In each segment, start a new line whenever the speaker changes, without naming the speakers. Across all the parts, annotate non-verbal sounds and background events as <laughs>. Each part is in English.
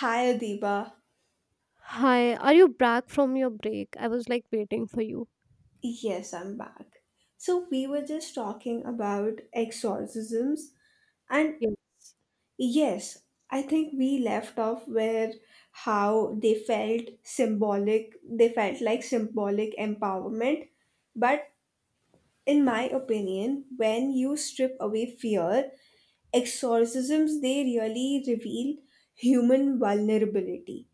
Hi Adiba.
Hi, are you back from your break? I was like waiting for you.
Yes, I'm back. So we were just talking about exorcisms and
Yes.
yes, I think we left off where how they felt symbolic, they felt like symbolic empowerment, but in my opinion, when you strip away fear, exorcisms they really reveal human vulnerability.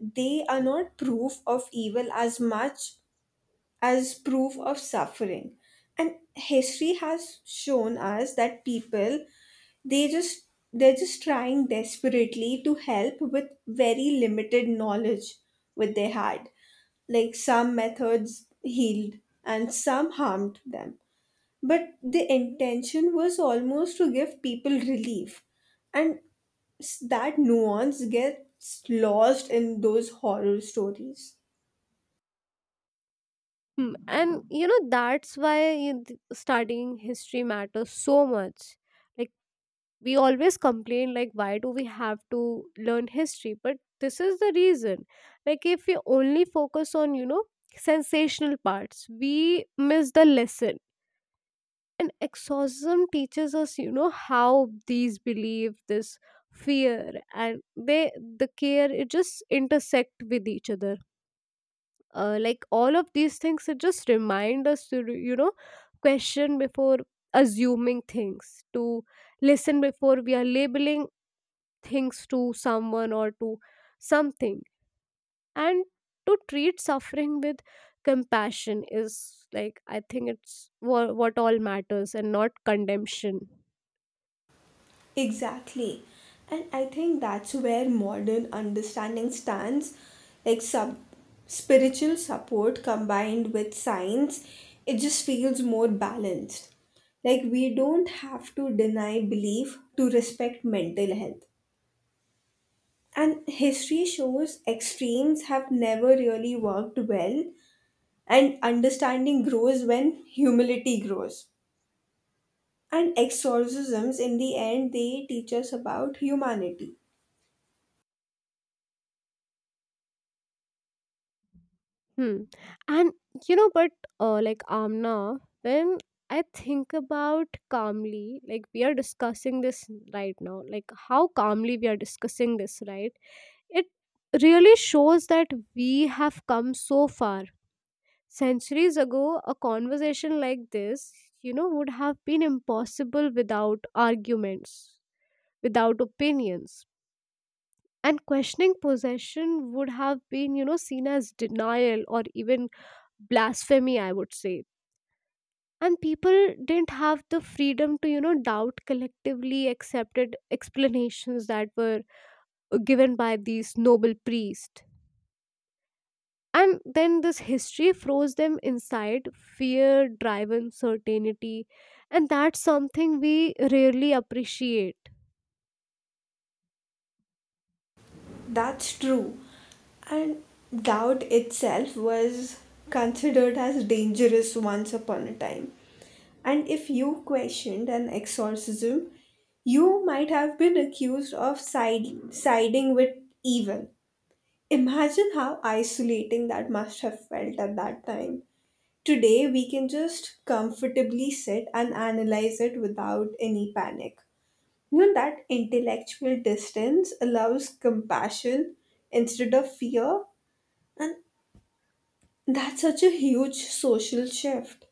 They are not proof of evil as much as proof of suffering, and history has shown us that people they just they're just trying desperately to help with very limited knowledge with they had. Like some methods healed and some harmed them, but the intention was almost to give people relief. And that nuance gets lost in those horror stories.
Hmm. And that's why studying history matters so much. Like, we always complain, like, why do we have to learn history? But this is the reason. Like, if we only focus on, sensational parts, we miss the lesson. And exorcism teaches us how these belief, this fear, and the care, it just intersect with each other. Uh, like all of these things, it just remind us to question before assuming things, to listen before we are labeling things to someone or to something, and to treat suffering with compassion is like, I think it's what all matters, and not condemnation.
Exactly. And I think that's where modern understanding stands, like sub spiritual support combined with science, it just feels more balanced. Like we don't have to deny belief to respect mental health. And history shows extremes have never really worked well, and understanding grows when humility grows. And exorcisms, in the end, they teach us about humanity.
Hmm. And but like Amna, when I think about calmly, like we are discussing this right now, like how calmly we are discussing this, right? It really shows that we have come so far. Centuries ago, a conversation like this, would have been impossible without arguments, without opinions. And questioning possession would have been seen as denial or even blasphemy, I would say. And people didn't have the freedom to doubt collectively accepted explanations that were given by these noble priests. And then this history froze them inside fear driven certainty, and that's something we rarely appreciate.
That's true. And doubt itself was considered as dangerous once upon a time. And if you questioned an exorcism, you might have been accused of siding with evil. Imagine how isolating that must have felt at that time. Today, we can just comfortably sit and analyze it without any panic. You know, that intellectual distance allows compassion instead of fear, and that's such a huge social shift.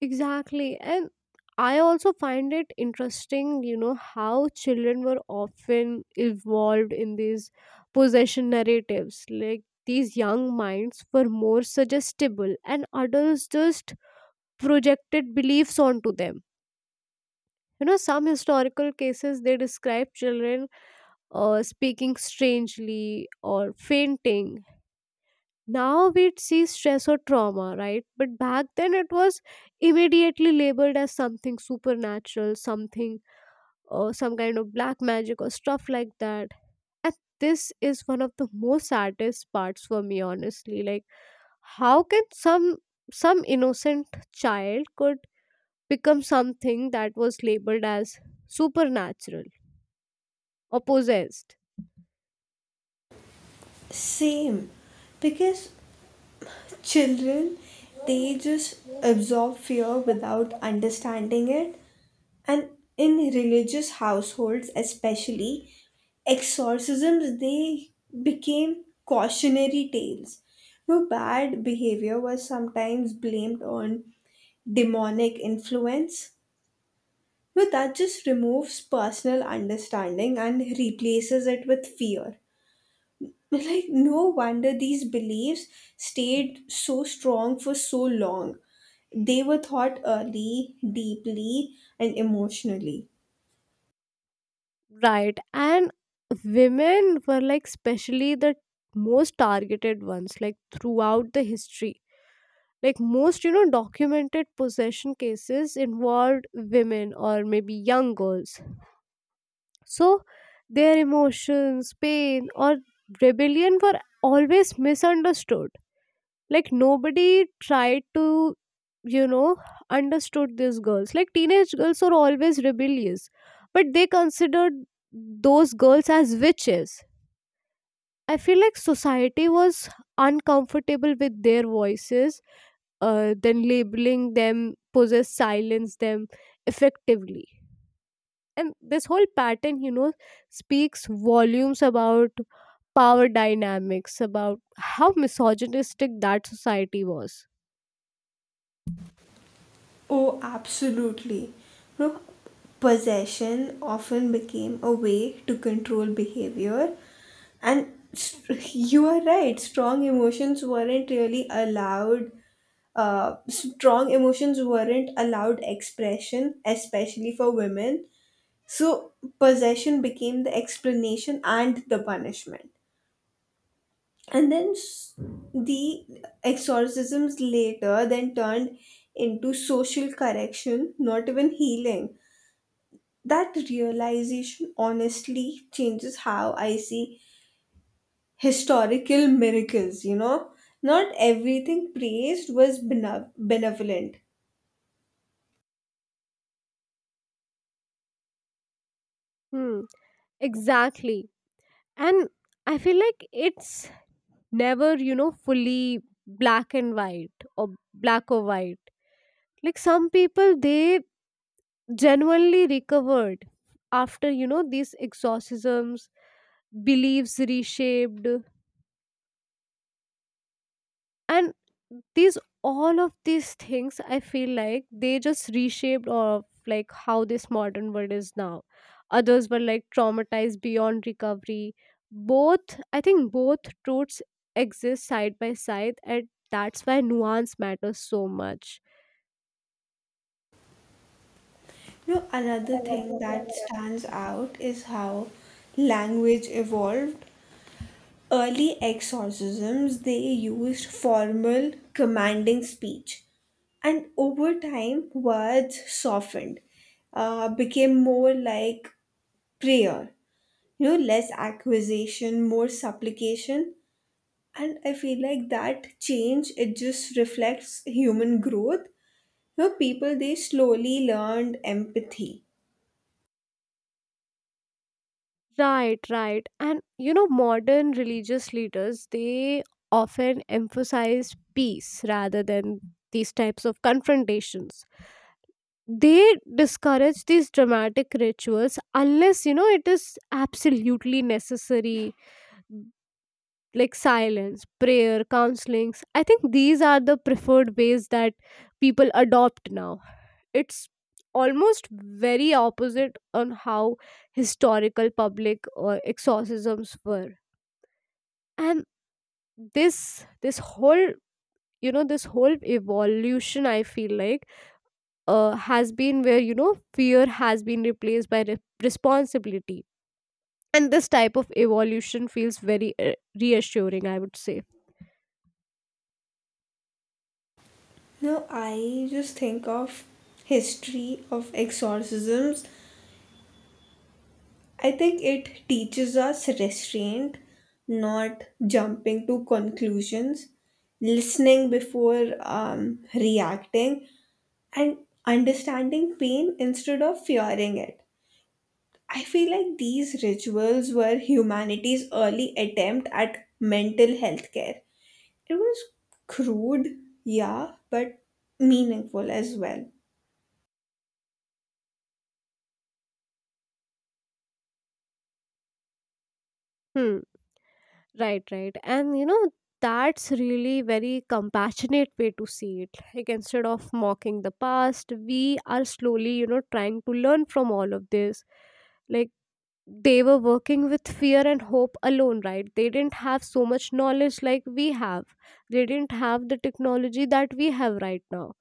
Exactly. And I also find it interesting, how children were often involved in these possession narratives. Like, these young minds were more suggestible, and adults just projected beliefs onto them. Some historical cases they describe children speaking strangely or fainting. Now we see stress or trauma, right? But back then it was immediately labeled as something supernatural, something or some kind of black magic or stuff like that. And this is one of the most saddest parts for me, honestly. Like, how can some innocent child could become something that was labeled as supernatural or possessed?
Same, because children they just absorb fear without understanding it. And in religious households, especially, exorcisms they became cautionary tales. No, bad behavior was sometimes blamed on demonic influence. No, that just removes personal understanding and replaces it with fear. <laughs> Like, no wonder these beliefs stayed so strong for so long. They were thought early, deeply, and emotionally.
Right. And women were, like, especially the most targeted ones, like throughout the history. Like most, documented possession cases involved women or maybe young girls. So their emotions, pain, or rebellion were always misunderstood. Like nobody tried to you know understood these girls. Like teenage girls are always rebellious, but they considered those girls as witches. I feel like society was uncomfortable with their voices. Uh, then labeling them possess silence them effectively. And this whole pattern, speaks volumes about power dynamics, about how misogynistic that society was.
Oh, absolutely. You know, possession often became a way to control behavior, and <laughs> you are right, strong emotions weren't really allowed. Strong emotions weren't allowed expression, especially for women. So, possession became the explanation and the punishment, and then the exorcisms later then turned into social correction, not even healing. That realization honestly changes how I see historical miracles. You know, not everything praised was benevolent.
Hmm. Exactly. And I feel like it's never, fully black and white, or black or white. Like some people, they genuinely recovered after, these exorcisms, beliefs reshaped, and these all of these things, I feel like they just reshaped of like how this modern world is now. Others were like traumatized beyond recovery. Both, I think, both roots exist side by side, and that's why nuance matters so much.
You know, another thing that stands out is how language evolved. Early exorcisms they used formal commanding speech, and over time words softened, became more like prayer. You know, less accusation, more supplication. And I feel like that change it just reflects human growth. You know, people they slowly learned empathy.
Right, right. And modern religious leaders, they often emphasize peace rather than these types of confrontations. They discourage these dramatic rituals unless it is absolutely necessary. Like silence, prayer, counselings, I think these are the preferred ways that people adopt now. It's almost very opposite on how historical public or exorcisms were. And this this whole this whole evolution, I feel like, has been where fear has been replaced by responsibility. And this type of evolution feels very reassuring, I would say.
No, I just think of history of exorcisms. I think it teaches us restraint, not jumping to conclusions, listening before reacting, and understanding pain instead of fearing it. I feel like these rituals were humanity's early attempt at mental health care. It was crude, yeah, but meaningful as well.
Hmm. Right, right. And that's really very compassionate way to see it. Like instead of mocking the past, we are slowly, trying to learn from all of this. Like they were working with fear and hope alone, right? They didn't have so much knowledge like we have. They didn't have the technology that we have right now.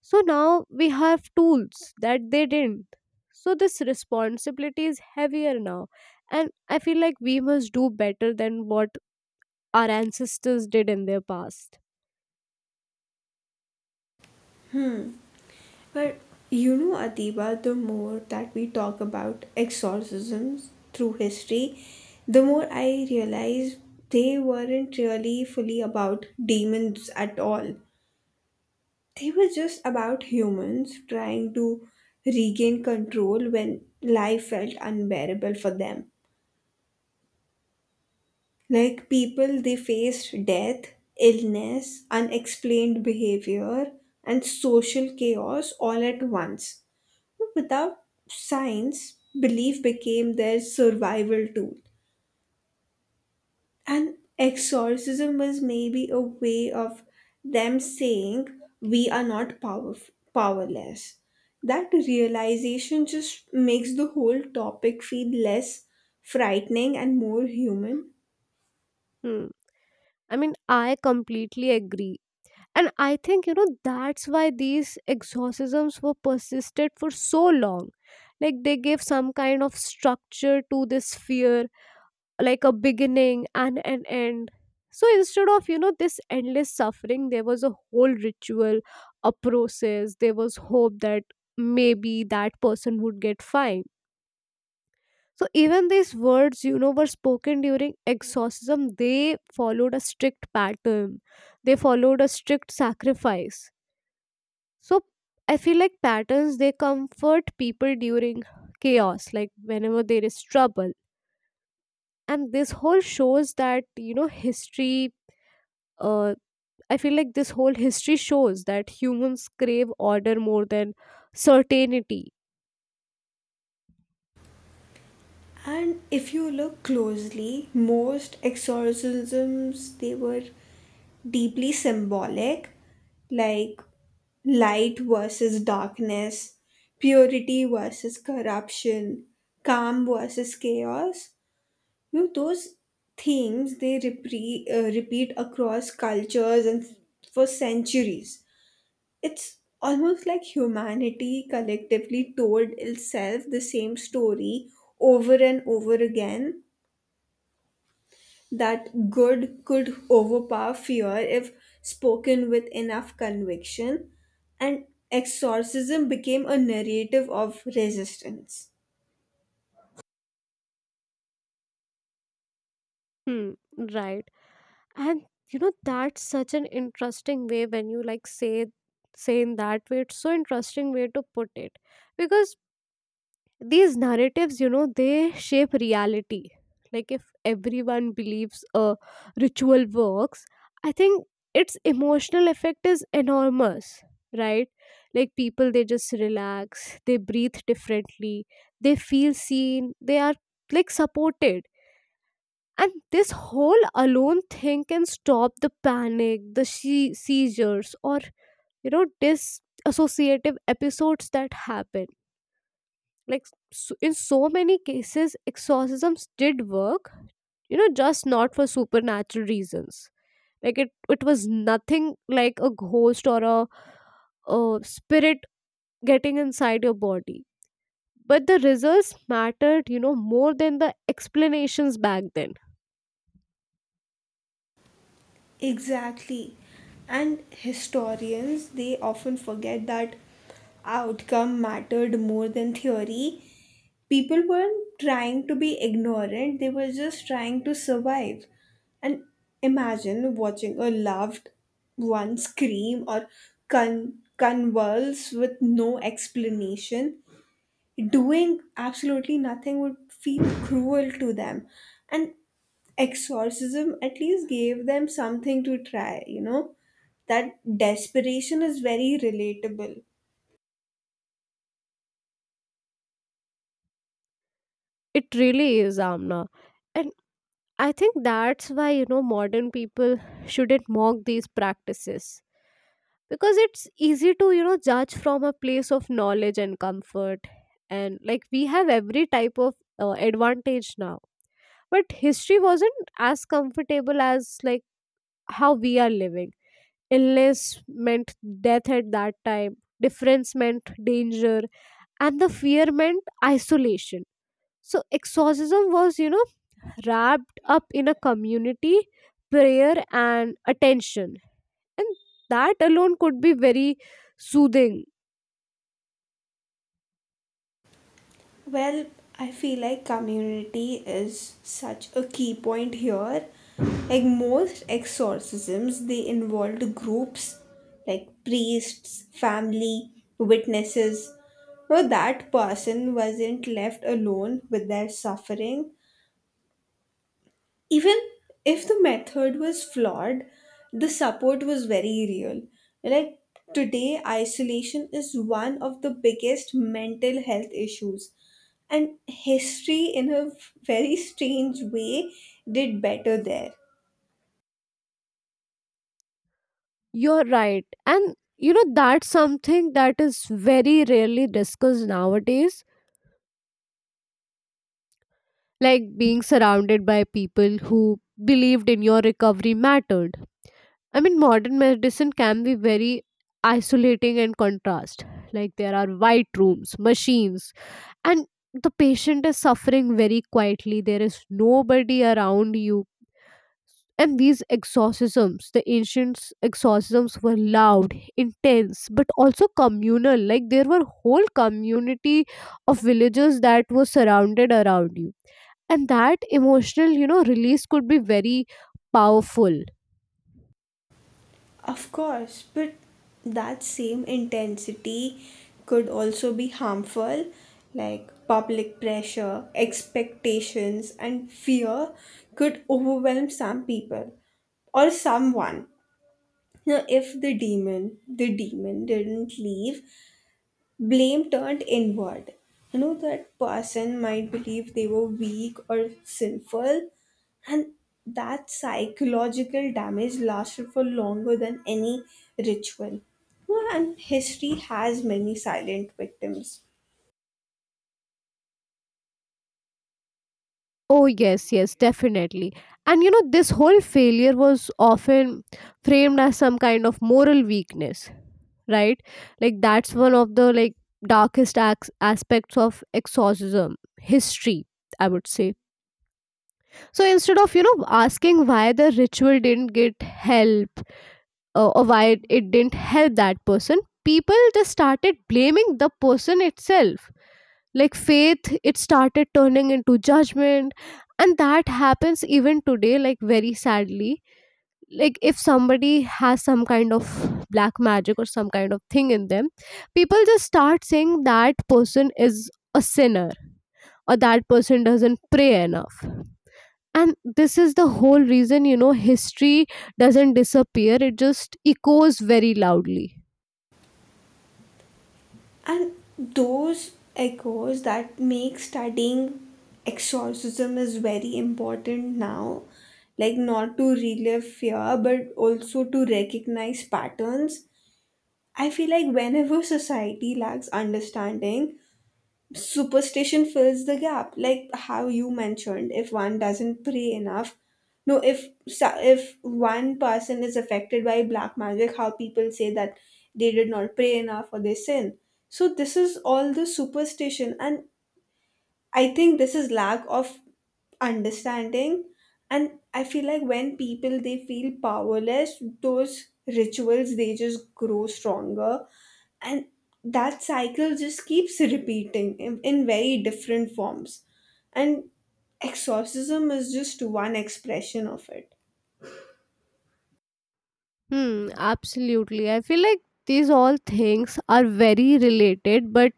So now we have tools that they didn't. So this responsibility is heavier now. And I feel like we must do better than what our ancestors did in their past.
Hmm. But you know, Adiba, the more that we talk about exorcisms through history, the more I realize they weren't really fully about demons at all. They were just about humans trying to regain control when life felt unbearable for them. Like people, they faced death, illness, unexplained behavior, and social chaos all at once. Without science, belief became their survival tool. And exorcism was maybe a way of them saying, we are not powerless. That realization just makes the whole topic feel less frightening and more human.
Hmm. I mean, I completely agree. And I think, that's why these exorcisms were persisted for so long. Like, they gave some kind of structure to this fear, like a beginning and an end. So instead of, this endless suffering, there was a whole ritual, a process. There was hope that maybe that person would get fine. So even these words, were spoken during exorcism. They followed a strict pattern. They followed a strict sacrifice. So I feel like patterns they comfort people during chaos, like whenever there is trouble. And this whole shows that history. Uh, I feel like this whole history shows that humans crave order more than certainty.
And if you look closely, most exorcisms they were deeply symbolic, like light versus darkness, purity versus corruption, calm versus chaos. You know, those themes they repeat across cultures and for centuries. It's almost like humanity collectively told itself the same story over and over again, that good could overpower fear if spoken with enough conviction, and exorcism became a narrative of resistance.
Hmm. Right. And that's such an interesting way when you like say in that way, it's so interesting way to put it. Because these narratives, they shape reality. Like if everyone believes a ritual works, I think its emotional effect is enormous, right? Like people, they just relax, they breathe differently, they feel seen, they are like supported. And this whole alone thing can stop the panic, the seizures, or disassociative episodes that happen. Like, s in so many cases exorcisms did work, just not for supernatural reasons. Like it was nothing like a ghost or a spirit getting inside your body. But the results mattered, more than the explanations back then.
Exactly. And historians, they often forget that outcome mattered more than theory. People weren't trying to be ignorant, they were just trying to survive. And imagine watching a loved one scream or convulse with no explanation. Doing absolutely nothing would feel cruel to them. And exorcism at least gave them something to try, you know? That desperation is very relatable.
It really is, Amna. And I think that's why modern people shouldn't mock these practices. Because it's easy to judge from a place of knowledge and comfort. And like we have every type of advantage now. But history wasn't as comfortable as like how we are living. Illness meant death at that time, difference meant danger, and the fear meant isolation. So exorcism was wrapped up in a community prayer and attention, and that alone could be very soothing.
Well, I feel like community is such a key point here. Like most exorcisms, they involved groups like priests, family, witnesses. So that person wasn't left alone with their suffering. Even if the method was flawed, the support was very real. Like today, isolation is one of the biggest mental health issues, and history, in a very strange way, did better there.
You're right. And that's something that is very rarely discussed nowadays. Like being surrounded by people who believed in your recovery mattered. I mean, modern medicine can be very isolating and contrast. Like there are white rooms, machines, and the patient is suffering very quietly. There is nobody around you. And these exorcisms, the ancients' exorcisms were loud, intense, but also communal. Like there were whole community of villagers that were surrounded around you. And that emotional, release could be very powerful.
Of course, but that same intensity could also be harmful, like public pressure, expectations, and fear could overwhelm some people or someone. Now, if the demon didn't leave, blame turned inward. You know, that person might believe they were weak or sinful, and that psychological damage lasted for longer than any ritual. You know, and history has many silent victims.
Oh, yes, yes, definitely. And this whole failure was often framed as some kind of moral weakness. Right. Like that's one of the, like, darkest aspects of exorcism history, I would say. So instead of asking why the ritual didn't get help, or why it didn't help that person, people just started blaming the person itself. Like faith, it started turning into judgment, and that happens even today, like very sadly. Like if somebody has some kind of black magic or some kind of thing in them, people just start saying that person is a sinner, or that person doesn't pray enough. And this is the whole reason, history doesn't disappear, it just echoes very loudly.
And those echoes that make studying exorcism is very important now, like not to relive fear, but also to recognize patterns. I feel like whenever society lacks understanding, superstition fills the gap. Like how you mentioned, if one doesn't pray enough, no, if if one person is affected by black magic, how people say that they did not pray enough or they sin. So this is all the superstition, and I think this is lack of understanding. And I feel like when people they feel powerless, those rituals they just grow stronger, and that cycle just keeps repeating in very different forms, and exorcism is just one expression of it.
Hmm, absolutely. I feel like these all things are very related, but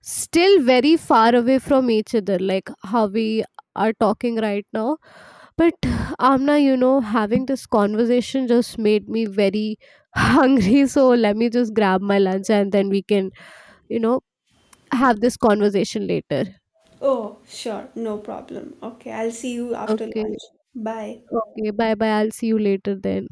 still very far away from each other, like how we are talking right now. But Amna, having this conversation just made me very <laughs> hungry. So let me just grab my lunch, and then we can, you know, have this conversation later.
Oh, sure, no problem. Okay, I'll see you after
Okay.
lunch. Bye.
Okay. Bye bye. I'll see you later then.